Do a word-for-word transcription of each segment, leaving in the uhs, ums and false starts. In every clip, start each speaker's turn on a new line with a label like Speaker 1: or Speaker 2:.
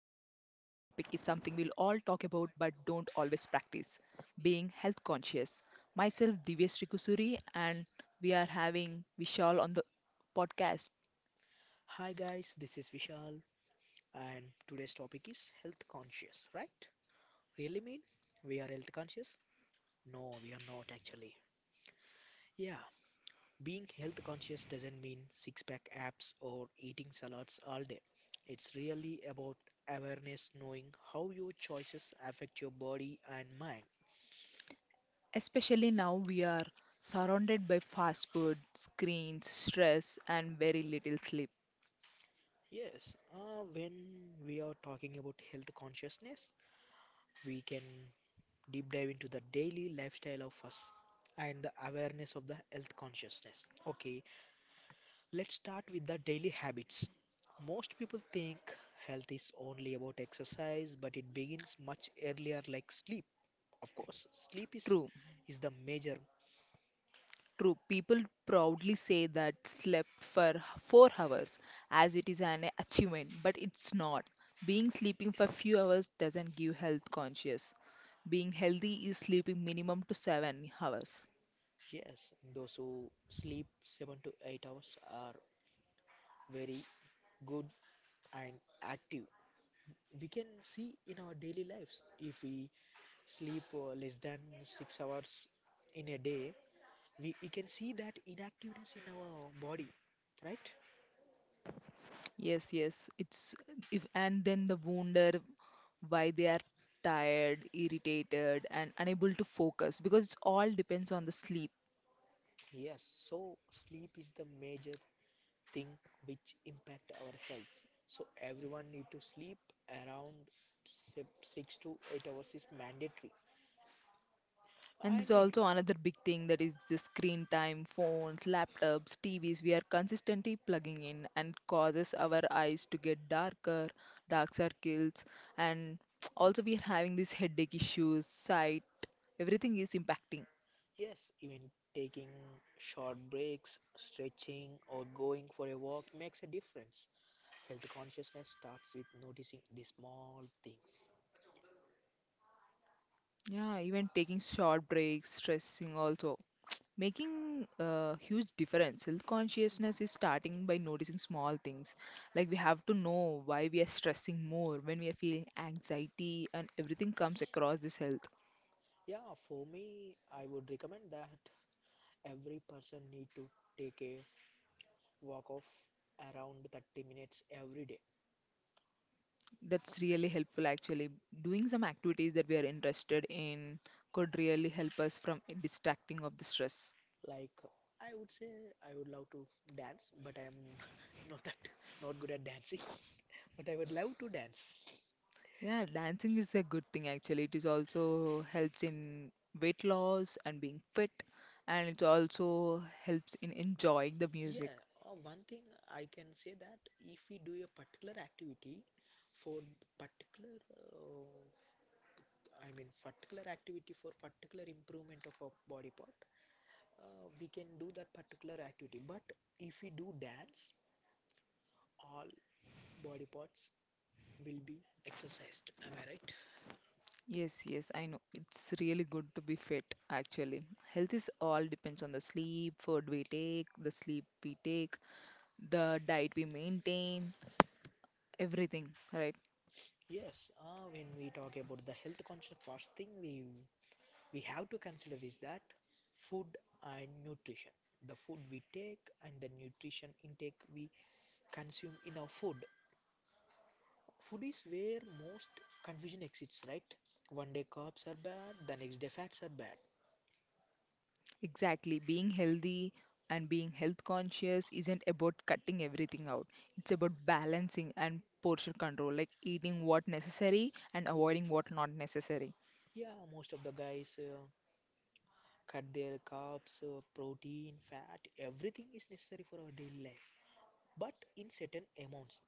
Speaker 1: something we'll all talk about but don't always practice being health conscious. Myself, Divyesh Rikusuri, and we are having Vishal on the podcast.
Speaker 2: Hi guys, this is Vishal, and today's topic is health conscious, right? Really mean we are health conscious? No, we are not actually. Yeah, being health conscious doesn't mean six pack abs or eating salads all day. It's really about awareness, knowing how your choices affect your body and mind.
Speaker 1: Especially now, we are surrounded by fast food, screens, stress, and very little sleep.
Speaker 2: Yes, uh, when we are talking about health consciousness, we can deep dive into the daily lifestyle of us and the awareness of the health consciousness. Okay, let's start with the daily habits. Most people think health is only about exercise, but it begins much earlier, like sleep. Of course, sleep is
Speaker 1: True.
Speaker 2: is the major.
Speaker 1: True, people proudly say that slept for h- four hours as it is an achievement, but it's not. Being sleeping for few hours doesn't give health conscious. Being healthy is sleeping minimum to seven hours.
Speaker 2: Yes, those who sleep seven to eight hours are very good and active. We can see in our daily lives, if we sleep uh, less than six hours in a day, we, we can see that inactiveness in our body, right?
Speaker 1: Yes, yes, it's if and then the wonder why they are tired, irritated, and unable to focus because it all depends on the sleep.
Speaker 2: Yes, so sleep is the major thing which impact our health. So everyone need to sleep around se- six to eight hours is mandatory.
Speaker 1: And there's
Speaker 2: And you,
Speaker 1: also another big thing that is the screen time, phones, laptops, T Vs. We are consistently plugging in and causes our eyes to get darker, dark circles, and also we are having these headache issues, sight. Everything is impacting.
Speaker 2: yes, even taking short breaks, stretching, or going for a walk makes a difference. Health consciousness starts with noticing the small things.
Speaker 1: Yeah, even taking short breaks, stressing also, making a huge difference. Health consciousness is starting by noticing small things, like we have to know why we are stressing more when we are feeling anxiety, and everything comes across this health.
Speaker 2: Yeah, for me, I would recommend that every person need to take a walk of around thirty minutes every day.
Speaker 1: That's really helpful actually. Doing some activities that we are interested in could really help us from distracting of the stress.
Speaker 2: Like, I would say I would love to dance, but I am not at, not good at dancing. But I would love to dance.
Speaker 1: Yeah, dancing is a good thing actually. It is also helps in weight loss and being fit, and it also helps in enjoying the music.
Speaker 2: Yeah, uh, one thing I can say, that if we do a particular activity for particular uh, I mean particular activity for particular improvement of a body part, uh, we can do that particular activity. But if we do dance, all body parts will be exercised. Am I right?
Speaker 1: Yes, yes, I know. It's really good to be fit, actually. Health is all depends on the sleep, food we take, the sleep we take, the diet we maintain, everything, right?
Speaker 2: Yes. Uh, when we talk about the health conscious fasting, we we have to consider is that food and nutrition. The food we take and the nutrition intake we consume in our food. Food is where most confusion exists, right? One day carbs are bad, the next day fats are bad.
Speaker 1: Exactly. Being healthy and being health conscious isn't about cutting everything out. It's about balancing and portion control, like eating what necessary and avoiding
Speaker 2: Mm,
Speaker 1: what not necessary.
Speaker 2: yeah, most of the guys uh, cut their carbs, uh, protein, fat, everything is necessary for our daily life, but in certain amounts.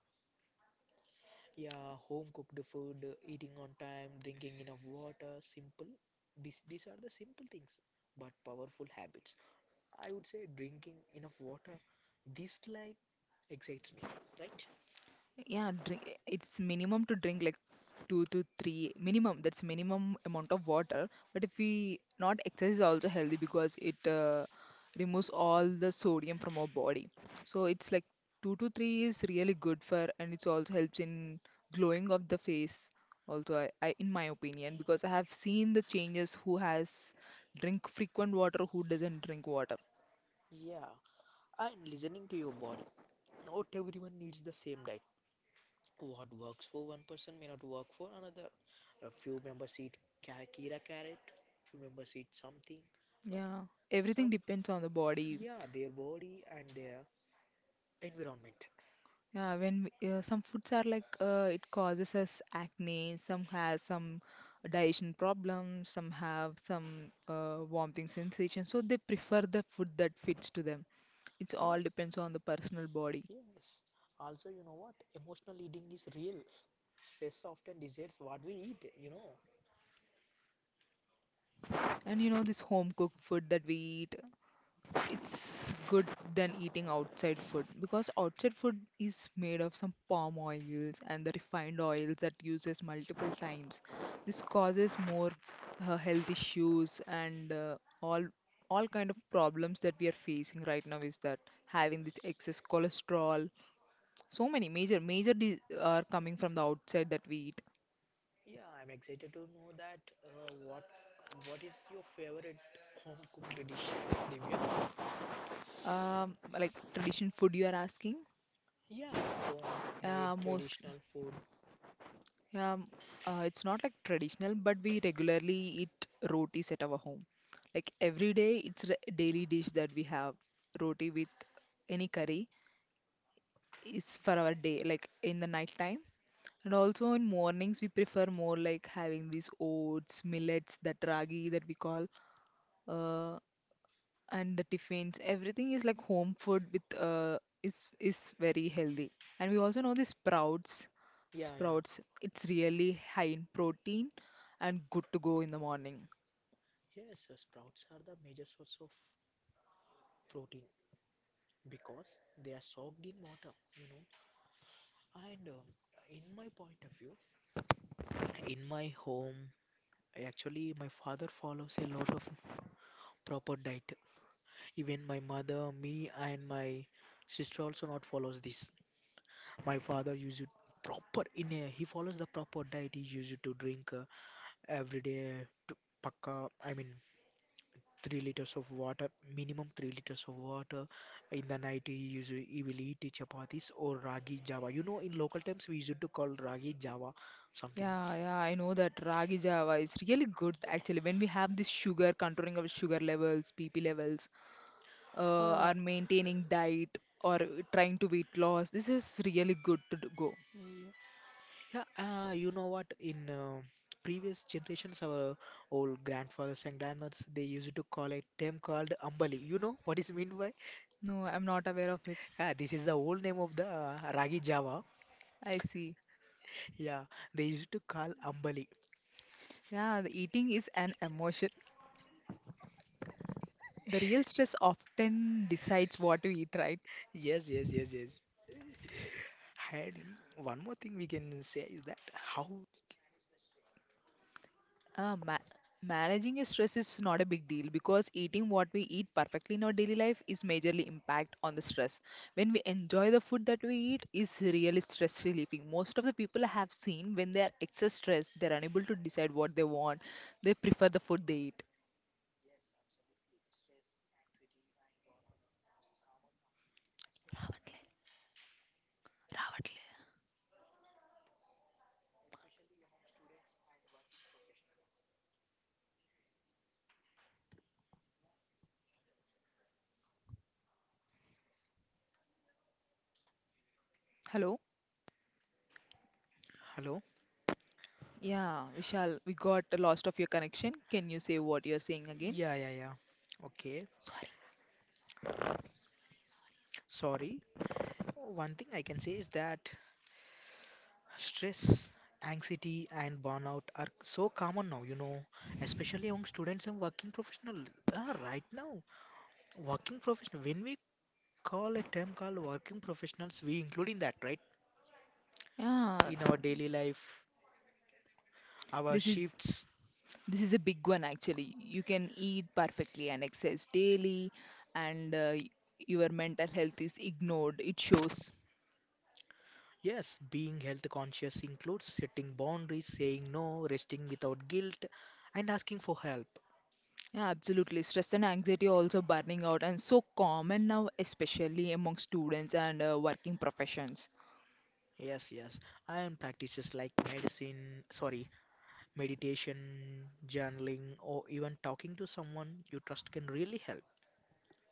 Speaker 2: Yeah, home cooked food, uh, eating on time, drinking enough water, simple. This, these are the simple things, but powerful habits. I would say drinking enough water. This line excites me, right?
Speaker 1: Yeah, drink. It's minimum to drink like two to three minimum. That's minimum amount of water. But if we not exercise, is also healthy because it uh, removes all the sodium from our body. So it's like two to three is really good for, and it also helps in glowing of the face. Also, I, I in my opinion, because I have seen the changes who has drink frequent water, who doesn't drink water.
Speaker 2: Yeah, and listening to your body. Not everyone needs the same diet. What works for one person may not work for another. A few members eat ca- Kira carrot, few members eat something, but
Speaker 1: Yeah,
Speaker 2: some,
Speaker 1: everything depends on the body.
Speaker 2: yeah, their body and their environment.
Speaker 1: Yeah, when we- uh, some foods are like uh, it causes us acne, some has some digestion problems, some have some uh, vomiting sensation. So they prefer the food that fits to them. It's all
Speaker 2: Yes,
Speaker 1: depends on the personal body.
Speaker 2: yes. Also, you know what? Emotional eating is real. Stress often decides what we eat, you know.
Speaker 1: And you know this home cooked food that we eat, it's good than eating outside food because outside food is made of some palm oils and the refined oils that uses multiple times. This causes more uh, health issues, and uh, all all kind of problems that we are facing right now is that having this excess cholesterol, so many major major di- are coming from the outside that we eat.
Speaker 2: Yeah, I'm excited to know that uh, what what is your favorite home cooked dish, Divya?
Speaker 1: Um like tradition food you are asking?
Speaker 2: Yeah, homemade
Speaker 1: Uh most
Speaker 2: traditional food.
Speaker 1: Yeah, um, uh, it's not like traditional, but we regularly eat rotis at our home. Like every day, it's a daily dish that we have. Roti with any curry is for our day, like in the night time. And also in mornings, we prefer more like having these oats, millets, that ragi that we call. Uh, and the tiffins everything is like home food with uh is is very healthy, and we also know the sprouts.
Speaker 2: Yeah, yeah.
Speaker 1: Sprouts, it's really high in protein and good to go in the morning.
Speaker 2: Yes, uh, sprouts are the major source of protein because they are soaked in water, you know. And um, in my point of view, in my home, actually, my father follows a lot of proper diet. Even my mother, me, and my sister also not follows this. My father uses proper in a, he follows the proper diet. He used to drink uh, every day to pakka. I mean, three liters of water, minimum three liters of water. In the night, you usually you will eat chapatis or ragi java. You know, in local terms, we used to call ragi java something.
Speaker 1: Yeah yeah, I know that ragi java is really good actually. When we have this sugar, controlling our sugar levels, B P levels, uh
Speaker 2: Uh,
Speaker 1: are maintaining diet, or trying to weight loss, this is really good to do- go.
Speaker 2: yeah, yeah, uh, you know what? In uh, previous generations, our old grandfathers and grandmothers, they used to call a term called ambali. You know what is meant by?
Speaker 1: No, I'm not aware of it.
Speaker 2: Yeah, this is the old name of the uh, ragi java.
Speaker 1: I see.
Speaker 2: Yeah, they used to call ambali.
Speaker 1: Yeah, the eating is an emotion. The real stress often decides what we eat, right?
Speaker 2: Yes, yes, yes, yes. And one more thing we can say is that, how.
Speaker 1: Uh, ma- Managing your stress is not a big deal because eating what we eat perfectly in our daily life is majorly impact on the stress. When we enjoy the food that we eat is really stress relieving. Most of the people I have seen when they are excess stress, they're unable to decide what they want. They prefer the food they eat. Hello?
Speaker 2: Hello?
Speaker 1: Yeah, Vishal, we got lost of your connection. Can you say what you're saying again?
Speaker 2: Yeah, yeah, yeah. Okay.
Speaker 1: Sorry.
Speaker 2: Sorry. One thing I can say is that stress, anxiety, and burnout are so common now, you know, especially among students and working professionals. Ah, right now, working professional, when we call a term called working professionals, we include in that, right?
Speaker 1: Yeah,
Speaker 2: In our daily life, our
Speaker 1: this is.
Speaker 2: shifts.
Speaker 1: This is a big one actually. You can eat perfectly and exercise daily, and uh, y- your mental health is ignored. It shows.
Speaker 2: Yes, being health conscious includes setting boundaries, saying no, resting without guilt, and asking for help.
Speaker 1: Yeah, absolutely. Stress and anxiety are also burning out and so common now, especially among students and uh, working professions.
Speaker 2: Yes, yes. And practices like medicine, sorry, meditation, journaling, or even talking to someone you trust can really help.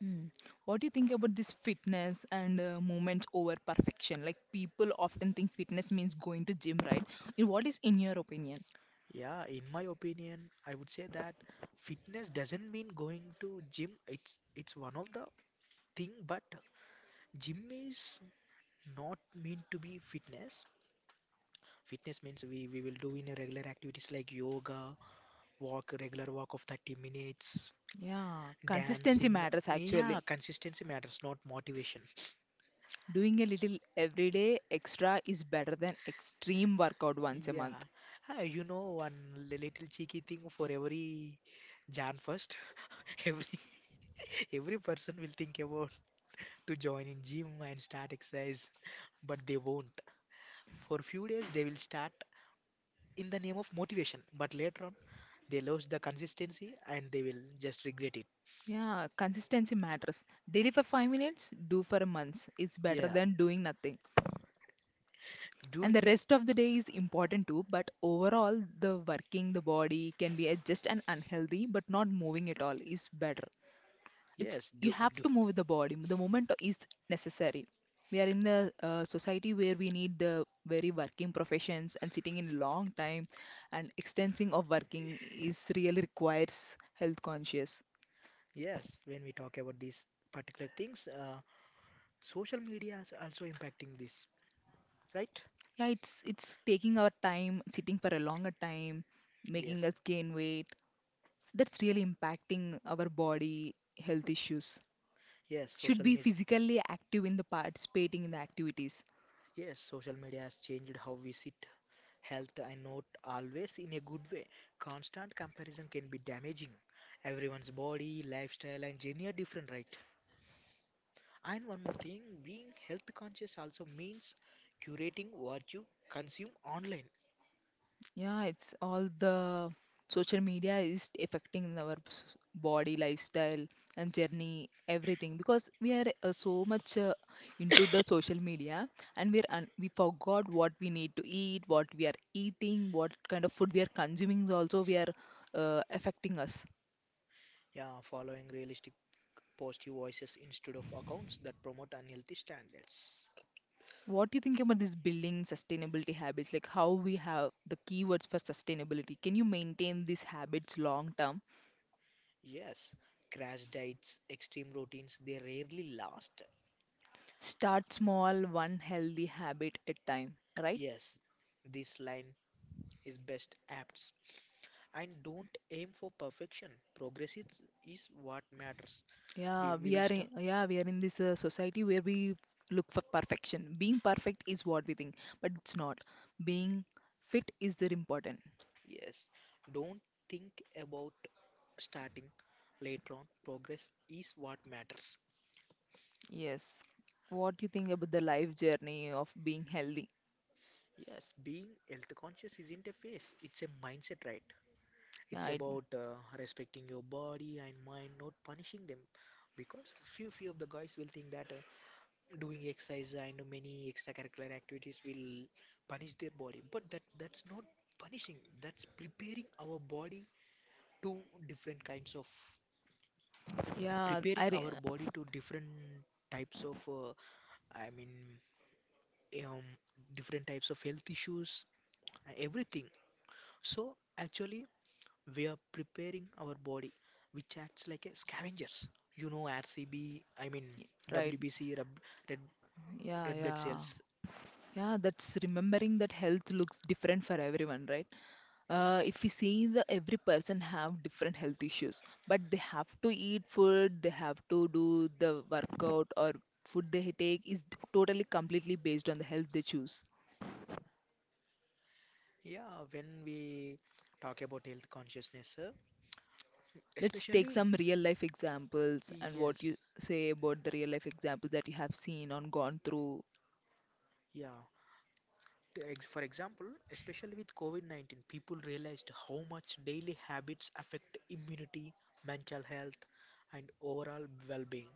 Speaker 1: Hmm. What do you think about this fitness and uh, movement over perfection? Like people often think fitness means going to gym, right? In- What is in your opinion?
Speaker 2: Yeah, in my opinion, I would say that fitness doesn't mean going to gym. It's it's one of the thing, but gym is not meant to be fitness. Fitness means we we will do in a regular activities like yoga, walk, regular walk of thirty minutes,
Speaker 1: Yeah, consistency
Speaker 2: dancing.
Speaker 1: matters
Speaker 2: Yeah,
Speaker 1: actually.
Speaker 2: consistency matters, not motivation.
Speaker 1: Doing a little everyday extra is better than extreme workout once a
Speaker 2: Yeah.
Speaker 1: month.
Speaker 2: Ah, you know, one li- little cheeky thing for every January first. Every every person will think about to join in gym and start exercise, but they won't. For few days they will start in the name of motivation, but later on they lose the consistency and they will just regret it.
Speaker 1: Yeah, consistency matters. Daily for five minutes, do for a month. It's better
Speaker 2: Yeah,
Speaker 1: than doing nothing. And the
Speaker 2: doing
Speaker 1: rest
Speaker 2: a-
Speaker 1: of the day is important too, but overall, the working the body can be a- just an unhealthy, but not moving at all is better. It's
Speaker 2: yes,
Speaker 1: you
Speaker 2: do
Speaker 1: have
Speaker 2: do
Speaker 1: to move with the body. The movement is necessary. We are in the uh, society where we need the very working professions and sitting in long time, and extensing of working is really requires health conscious.
Speaker 2: yes. When we talk about these particular things, uh, social media is also impacting this, right?
Speaker 1: Yeah, it's it's taking our time, sitting for a longer time, making
Speaker 2: Yes,
Speaker 1: us gain weight, so that's really impacting our body, health issues.
Speaker 2: yes.
Speaker 1: Should
Speaker 2: Social
Speaker 1: be
Speaker 2: media
Speaker 1: physically active in the participating in the activities.
Speaker 2: Yes, social media has changed how we see health and not always in a good way. Constant comparison can be damaging. Everyone's body, lifestyle, and journey are different, right? And one more thing, being health conscious also means curating what you consume online.
Speaker 1: Yeah, it's all the social media is affecting our s- body, lifestyle, and journey, everything because we are uh, so much uh, into the social media, and we're un we forgot what we need to eat, what we are eating, what kind of food we are consuming. Also, we are uh, affecting us.
Speaker 2: Yeah, following realistic positive voices instead of accounts that promote unhealthy standards.
Speaker 1: What do you think about this building sustainability habits? Like how we have the keywords for sustainability? Can you maintain these habits long term?
Speaker 2: Yes, crash diets, extreme routines, they rarely last.
Speaker 1: Start small, one healthy habit at time, right?
Speaker 2: Yes, this line is best apt. And don't aim for perfection. Progress is, is what matters.
Speaker 1: Yeah,
Speaker 2: We, we
Speaker 1: we
Speaker 2: will
Speaker 1: are in,
Speaker 2: start.
Speaker 1: yeah, we are in this uh, society where we look for perfection. Being perfect is what we think, but it's not. Being fit is very important.
Speaker 2: Yes, don't think about starting later on. Progress is what matters.
Speaker 1: Yes. What do you think about the life journey of being healthy?
Speaker 2: Yes, being health conscious isn't a phase, it's a mindset, right?
Speaker 1: Yeah,
Speaker 2: It's
Speaker 1: I,
Speaker 2: about uh, respecting your body and mind, not punishing them. Because few few of the guys will think that uh, doing exercise and many extracurricular activities will punish their body, but that that's not punishing. That's preparing our body to different kinds of
Speaker 1: yeah, I
Speaker 2: preparing
Speaker 1: re
Speaker 2: our body to different types of uh, i mean um, different types of health issues, everything. So actually we are preparing our body, which acts like a scavengers, you know. R C B, I mean
Speaker 1: Right.
Speaker 2: W B C, rub- red,
Speaker 1: Yeah,
Speaker 2: red blood
Speaker 1: yeah.
Speaker 2: cells.
Speaker 1: Yeah, that's remembering that health looks different for everyone, right? Uh,
Speaker 2: Yes.
Speaker 1: if we see, the every person have different health issues, but they have to eat food, they have to do the workout, or food they take is totally completely based on the health they choose.
Speaker 2: Yeah, when we talk about health consciousness, uh,
Speaker 1: Let's take
Speaker 2: especially,
Speaker 1: some real life examples. And what
Speaker 2: yes,
Speaker 1: you say about the real life examples that you have seen or gone through?
Speaker 2: yeah. The ex- For example, especially with COVID nineteen, people realized how much daily habits affect immunity, mental health, and overall well-being.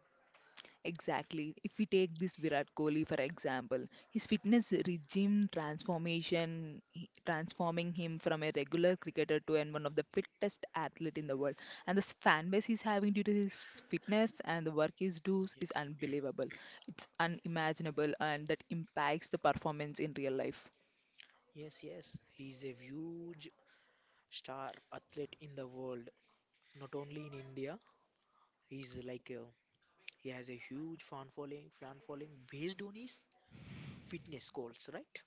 Speaker 1: Exactly. If we take this Virat Kohli for example, his fitness regime transformation, he- transforming him from a regular cricketer to an one of the fittest athlete in the world, and the s- fan base he's having due to his fitness and the work he does is
Speaker 2: Yes,
Speaker 1: unbelievable. It's unimaginable, and that impacts the performance in real life.
Speaker 2: yes, yes. He's a huge star athlete in the world, not only in India. He's like uh, he has a huge fan following, fan following based on his fitness goals, right?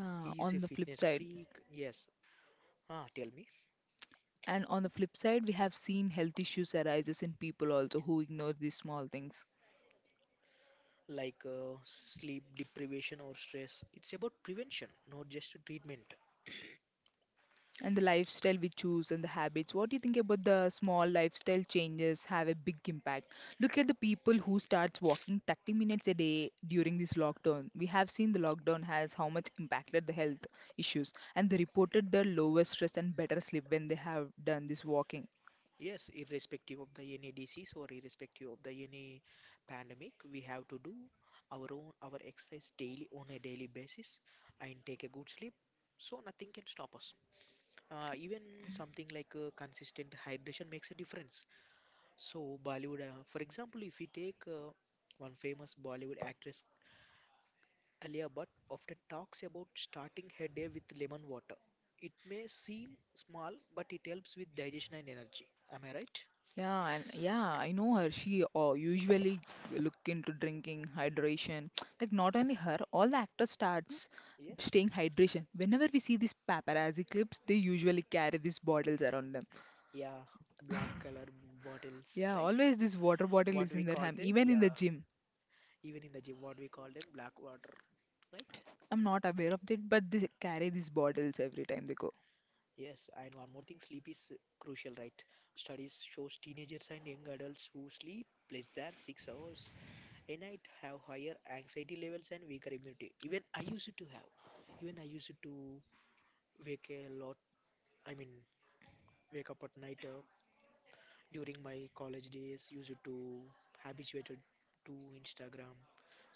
Speaker 1: Uh,
Speaker 2: He is a
Speaker 1: on the flip
Speaker 2: fitness
Speaker 1: side,
Speaker 2: freak. Yes. Ah, tell me,
Speaker 1: and on the flip side, we have seen health issues arises in people also who ignore these small things.
Speaker 2: like uh, sleep deprivation or stress, it's about prevention, not just treatment.
Speaker 1: And the lifestyle we choose and the habits, what do you think about the small lifestyle changes have a big impact? Look at the people who starts walking thirty minutes a day. During this lockdown, we have seen the lockdown has how much impacted the health issues, and they reported the lower stress and better sleep when they have done this walking.
Speaker 2: Yes, irrespective of the any disease or irrespective of the any pandemic, we have to do our own our exercise daily on a daily basis and take a good sleep, so nothing can stop us. Uh, even something like uh, consistent hydration makes a difference. So Bollywood, uh, for example, if we take uh, one famous Bollywood actress Alia Bhatt often talks about starting her day with lemon water. It may seem small, but it helps with digestion and energy. Am I right?
Speaker 1: Yeah, and yeah, I know her. She uh, usually look into drinking, hydration. Like not only her, all the actors starts
Speaker 2: Yes.
Speaker 1: staying hydration. Whenever we see these paparazzi clips, they usually carry these bottles around them.
Speaker 2: Yeah. Black color bottles,
Speaker 1: Yeah,
Speaker 2: right?
Speaker 1: always this water bottle
Speaker 2: What
Speaker 1: is in
Speaker 2: we
Speaker 1: their
Speaker 2: call
Speaker 1: hand,
Speaker 2: them,
Speaker 1: even in
Speaker 2: yeah,
Speaker 1: the gym.
Speaker 2: even in the gym, what we call them black water, right?
Speaker 1: I'm not aware of it, but they carry these bottles every time they go.
Speaker 2: Yes. And one more thing, sleep is crucial, right? Studies shows teenagers and young adults who sleep less than six hours a night have higher anxiety levels and weaker immunity. Even I used to have. Even I used to wake a lot. I mean, wake up at night, uh, during my college days, used to habituated to instagram,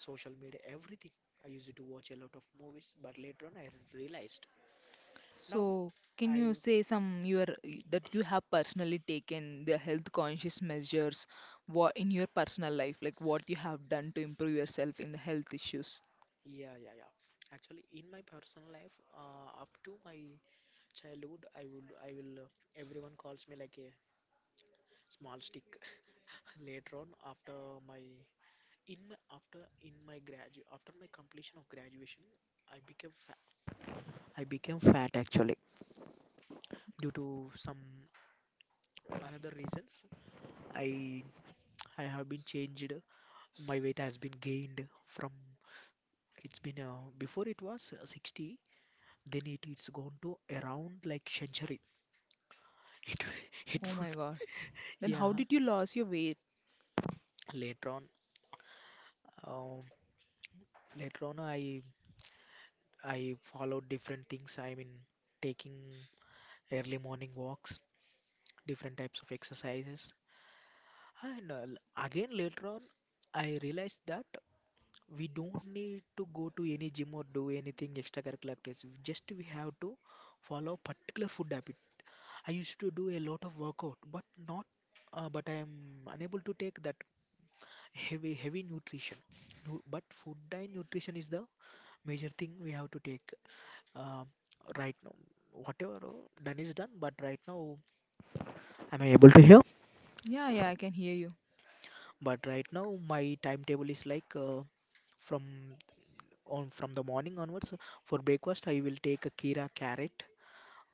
Speaker 2: social media, everything. I used to watch a lot of movies, but later on I realized. Now
Speaker 1: So, can you
Speaker 2: I,
Speaker 1: say some your that you have personally taken the health conscious measures, what in your personal life, like what you have done to improve yourself in the health issues?
Speaker 2: yeah, yeah, yeah. Actually, in my personal life, uh, up to my childhood, i would i will, uh, everyone calls me like a small stick. Later on, after my in my after in my gradu after my completion of graduation, I became I became fat actually due to some another reasons. I I have been changed. My weight has been gained from. It's been, uh, before it was uh, sixty. Then it it's gone to around like century. It
Speaker 1: Oh
Speaker 2: it would,
Speaker 1: my God. Then how
Speaker 2: yeah.
Speaker 1: did you lose your weight?
Speaker 2: Later on, um, later on I I followed different things. I mean, taking early morning walks, different types of exercises, and uh, l- again later on I realized that we don't need to go to any gym or do anything extracurricular activities. Just we have to follow particular food habit. I used to do a lot of workout, but not, uh, but I am unable to take that heavy heavy nutrition. Nu- But food and nutrition is the major thing we have to take uh, right now. Whatever uh, done is done, but right now am I able to hear?
Speaker 1: Yeah, yeah, I can hear you.
Speaker 2: But right now my timetable is like uh, from on from the morning onwards. For breakfast, I will take a kira carrot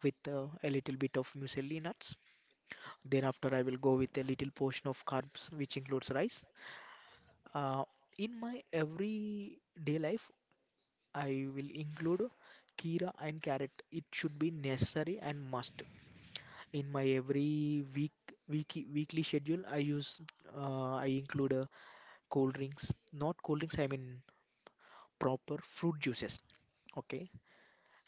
Speaker 2: with uh, a little bit of muesli nuts. Then after I will go with a little portion of carbs, which includes rice. Uh, in my everyday life, I will include kira and carrot. It should be necessary and must. In my every week, week weekly schedule, I use uh, I include uh, cold drinks, not cold drinks. I mean proper fruit juices. Okay.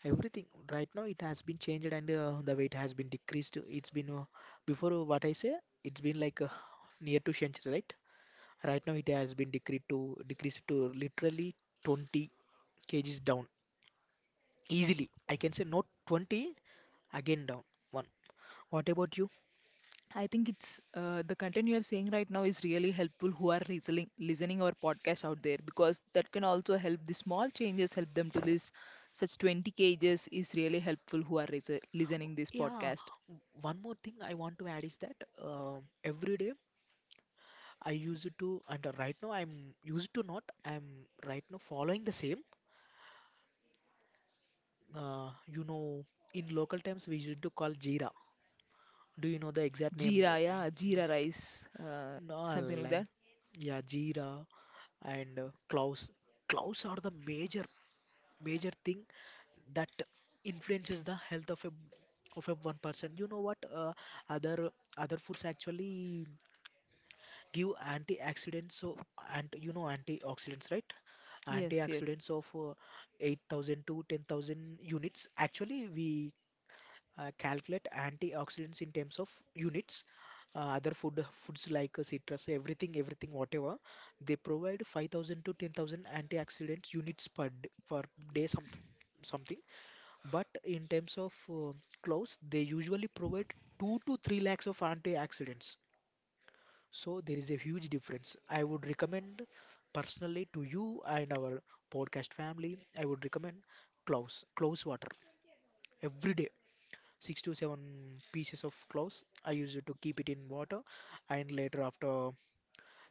Speaker 2: Everything right now, it has been changed, and uh, the weight has been decreased. It's been uh, before, uh, what I say, it's been like uh, near to century, right? Right now, it has been decreased to decreased to literally twenty kgs down easily. I can say not twenty again down one. What about you?
Speaker 1: I think it's uh, the content you are saying right now is really helpful who are listening listening our podcast out there, because that can also help the small changes help them to lose such twenty kgs is really helpful who are lis- listening this
Speaker 2: Yeah,
Speaker 1: podcast.
Speaker 2: w- one more thing I want to add is that uh, every day I used to, and uh, right now I'm used to, not I'm right now following the same. Uh, you know, in local terms, we used to call Jira. Do you know the exact name?
Speaker 1: Jeera, yeah, Jeera rice, uh,
Speaker 2: No,
Speaker 1: something like
Speaker 2: like
Speaker 1: that.
Speaker 2: yeah, Jira and uh, Klaus. Klaus are the major major thing that influences the health of a of a one person. You know what? Uh, other other foods actually give antioxidants. So, and you know antioxidants, right?
Speaker 1: Yes, yes.
Speaker 2: Antioxidants of uh, eight thousand to ten thousand units. Actually, we uh, calculate antioxidants in terms of units. Uh, other food foods like uh, citrus, everything everything whatever, they provide five thousand to ten thousand antioxidant units per d- per day, something something. But in terms of uh, clothes, they usually provide two to three lakhs of antioxidants. So there is a huge difference. I would recommend personally to you and our podcast family. I would recommend cloves cloves water every day, six to seven pieces of cloves. I used to keep it in water, and later, after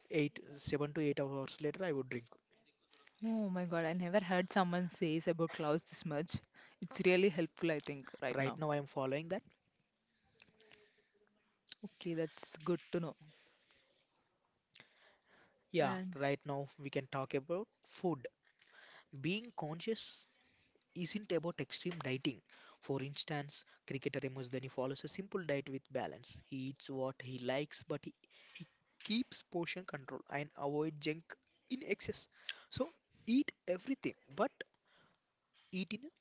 Speaker 2: eight, seven to eight hours later, I would drink.
Speaker 1: Oh my God, I never heard someone says about clouds this much. It's really helpful, I think, right
Speaker 2: Right
Speaker 1: now.
Speaker 2: now, I am following that.
Speaker 1: Okay, that's good to know.
Speaker 2: Yeah,
Speaker 1: And
Speaker 2: right now we can talk about food. Being conscious isn't about extreme dieting. For instance, cricketer Remus Dhani follows a simple diet with balance. He eats what he likes, but he, he keeps portion control and avoid junk in excess. So eat everything, but eat in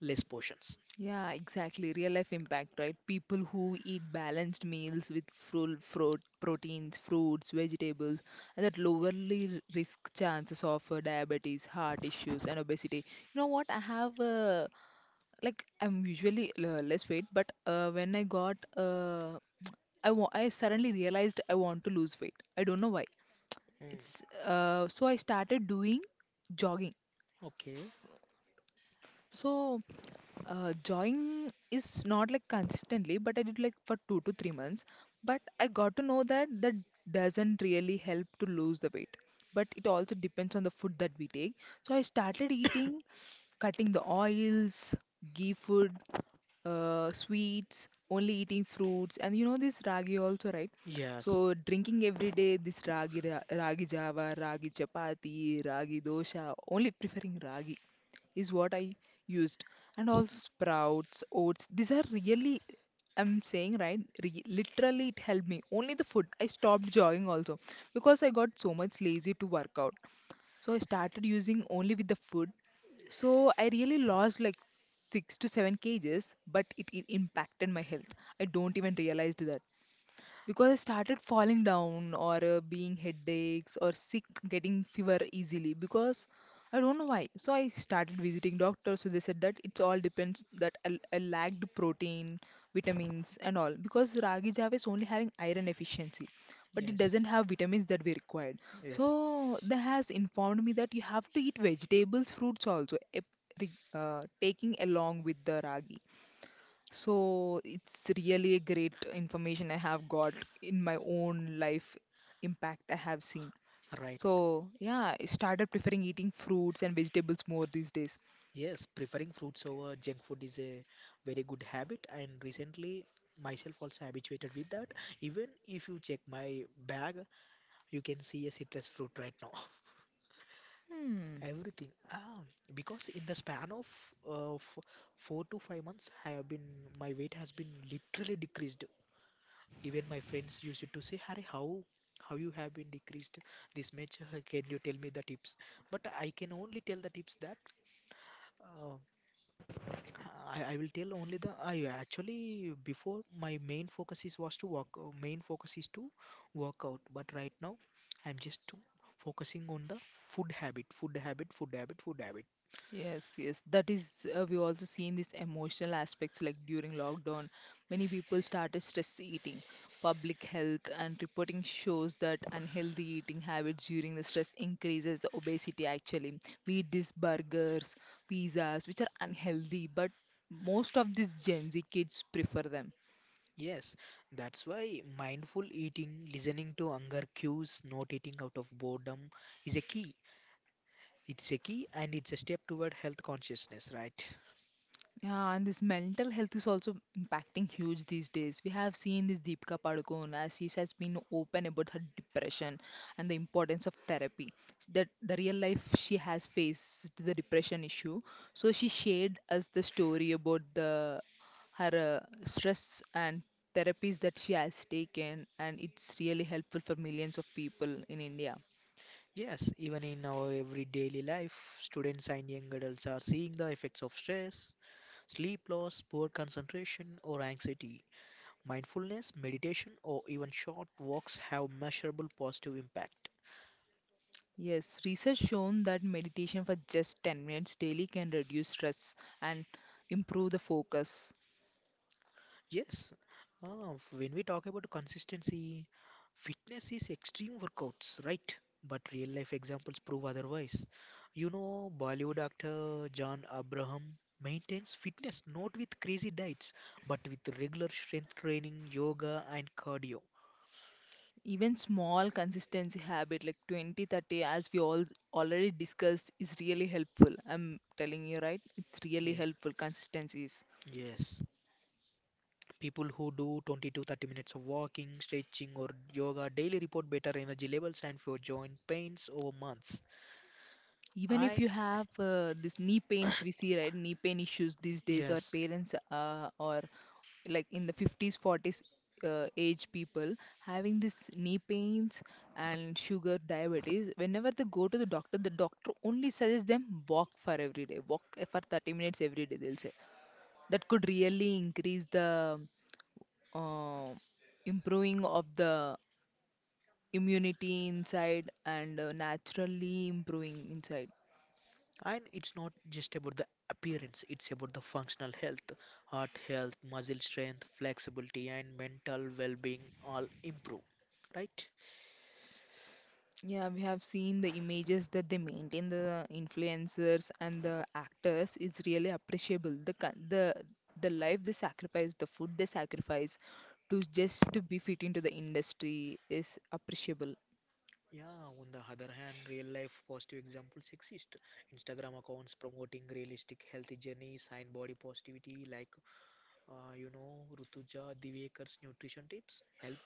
Speaker 2: less portions.
Speaker 1: yeah, exactly, real life impact, right? People who eat balanced meals with full fruit, proteins, fruits, vegetables, and that lowerly r- risk chances of uh, diabetes, heart issues, and obesity. You know what? I have a like I'm usually l- less weight, but uh, when I got uh, I wa- I suddenly realized I want to lose weight. I don't know why.
Speaker 2: Mm.
Speaker 1: It's uh, so I started doing jogging.
Speaker 2: Okay.
Speaker 1: So uh, jogging is not like consistently, but I did like for two to three months. But I got to know that that doesn't really help to lose the weight. But it also depends on the food that we take. So I started eating, cutting the oils, ghee food, uh, sweets, only eating fruits, and you know this ragi also, right?
Speaker 2: Yes.
Speaker 1: So drinking every day this ragi, ra- ragi java, ragi chapati, ragi dosha, only preferring ragi is what I used, and also sprouts, oats. These are really I'm saying right, re- literally it helped me. Only the food. I stopped jogging also because I got so much lazy to work out. So I started using only with the food so I really lost like six to seven kgs, but it, it impacted my health. I don't even realized that because I started falling down or uh, being headaches or sick, getting fever easily because I don't know why. So I started visiting doctors. So they said that it's all depends that I, I lacked protein, vitamins and all because ragi java is only having iron efficiency, but it
Speaker 2: Yes.
Speaker 1: doesn't have vitamins that we required.
Speaker 2: Yes.
Speaker 1: So they has informed me that you have to eat vegetables, fruits also. ep- re- Uh, taking along with the ragi so it's really a great information I have got in my own life impact I have seen.
Speaker 2: Right now.
Speaker 1: So yeah, I started preferring eating fruits and vegetables more these days.
Speaker 2: Yes. Preferring fruits over junk food is a very good habit, and recently myself also habituated with that. Even if you check my bag, you can see a citrus fruit right now.
Speaker 1: Hmm.
Speaker 2: Everything. Ah, because in the span of uh, f four to five months, I have been my weight has been literally decreased. Even my friends used to say, Harry, how how you have been decreased this much? Can you tell me the tips? But I can only tell the tips that uh, I, I will tell only the I actually, before my main focus is was to work. Uh, main focus is to work out. But right now I'm just to focusing on the food habit, food habit, food habit, food habit.
Speaker 1: Yes, yes, that is. Uh, we also seen these emotional aspects like during lockdown, many people started stress eating. Public health and reporting shows that unhealthy eating habits during the stress increases the obesity. Actually, we eat these burgers, pizzas, which are unhealthy, but most of these Gen Z kids prefer them.
Speaker 2: Yes, that's why mindful eating, listening to hunger cues, not eating out of boredom is a key. It's a key, and it's a step toward health consciousness, right?
Speaker 1: Yeah, and this mental health is also impacting huge these days. We have seen this Deepika Padukone as she has been open about her depression and the importance of therapy. That the real life she has faced the depression issue. So she shared us the story about the her uh, stress and therapies that she has taken, and it's really helpful for millions of people in India.
Speaker 2: Yes, even in our every daily life, students and young adults are seeing the effects of stress, sleep loss, poor concentration, or anxiety. Mindfulness, meditation, or even short walks have measurable positive impact.
Speaker 1: Yes, research shown that meditation for just ten minutes daily can reduce stress and improve the focus.
Speaker 2: Yes, uh, when we talk about consistency, fitness is extreme workouts, right? But real life examples prove otherwise. You know, Bollywood actor John Abraham maintains fitness not with crazy diets, but with regular strength training, yoga, and cardio.
Speaker 1: Even small consistency habit like twenty, thirty, as we all already discussed is really helpful. I'm telling you right? It's really
Speaker 2: Yeah.
Speaker 1: helpful consistencies.
Speaker 2: Yes. People who do twenty to thirty minutes of walking, stretching, or yoga daily report better energy levels and fewer joint pains over months.
Speaker 1: Even if
Speaker 2: I,
Speaker 1: you have uh, this knee pains we see right knee pain issues these days or
Speaker 2: yes.
Speaker 1: parents uh, or like in the fifties forties uh, age people having this knee pains and sugar diabetes whenever they go to the doctor the doctor only suggests them walk for every day walk for thirty minutes every day they'll say that could really increase the uh, improving of the immunity inside and uh, naturally improving inside.
Speaker 2: And it's not just about the appearance, it's about the functional health, heart health, muscle strength, flexibility, and mental well being all improve. Right?
Speaker 1: Yeah, we have seen the images that they maintain, the influencers and the actors. It's really appreciable. The con- the the life they sacrifice, the food they sacrifice to just to be fit into the industry is appreciable.
Speaker 2: Yeah, on the other hand, real life positive examples exist. Instagram accounts promoting realistic healthy journeys and body positivity, like uh, you know, Rutuja Divekar's nutrition tips help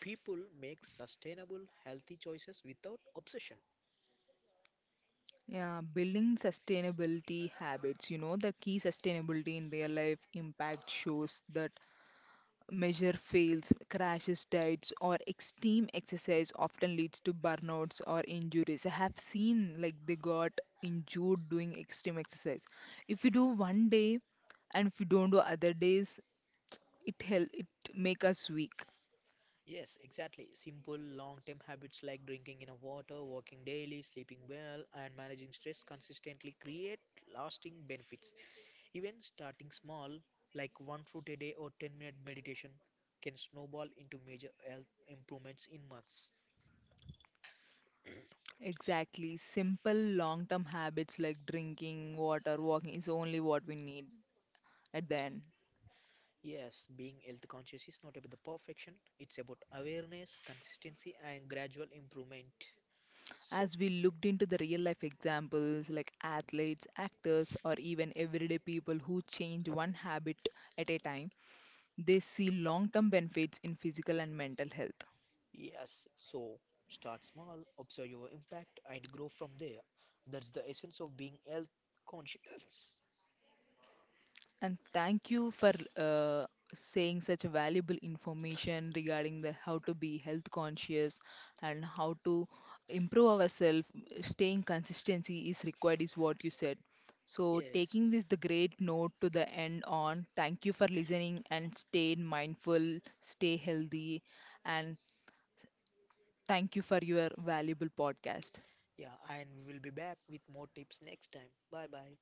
Speaker 2: people make sustainable healthy choices without obsession.
Speaker 1: Yeah, building sustainability habits, you know, the key sustainability in real life impact shows that measure fails, crashes, diets, or extreme exercise often leads to burnouts or injuries. I have seen like they got injured doing extreme exercise. If we do one day and if we don't do other days, it help it make us weak.
Speaker 2: Yes, exactly. Simple, long term habits like drinking enough water, walking daily, sleeping well, and managing stress consistently create lasting benefits. Even starting small, like one fruit a day or ten minute meditation, can snowball into major health improvements in months.
Speaker 1: Exactly. Simple long term habits like drinking water, walking is only what we need at the end.
Speaker 2: Yes, being health conscious is not about the perfection, it's about awareness, consistency, and gradual improvement. So.
Speaker 1: As we looked into the real life examples like athletes, actors, or even everyday people who change one habit at a time, they see long term benefits in physical and mental health.
Speaker 2: Yes, so start small, observe your impact, and grow from there. That's the essence of being health conscious.
Speaker 1: And thank you for uh, saying such valuable information regarding the how to be health conscious and how to improve ourselves. Staying consistency is required, is what you said. So
Speaker 2: Yes,
Speaker 1: taking this the great note to the end on. Thank you for listening and stay mindful, stay healthy, and thank you for your valuable podcast.
Speaker 2: yeah, and we will be back with more tips next time. Bye bye.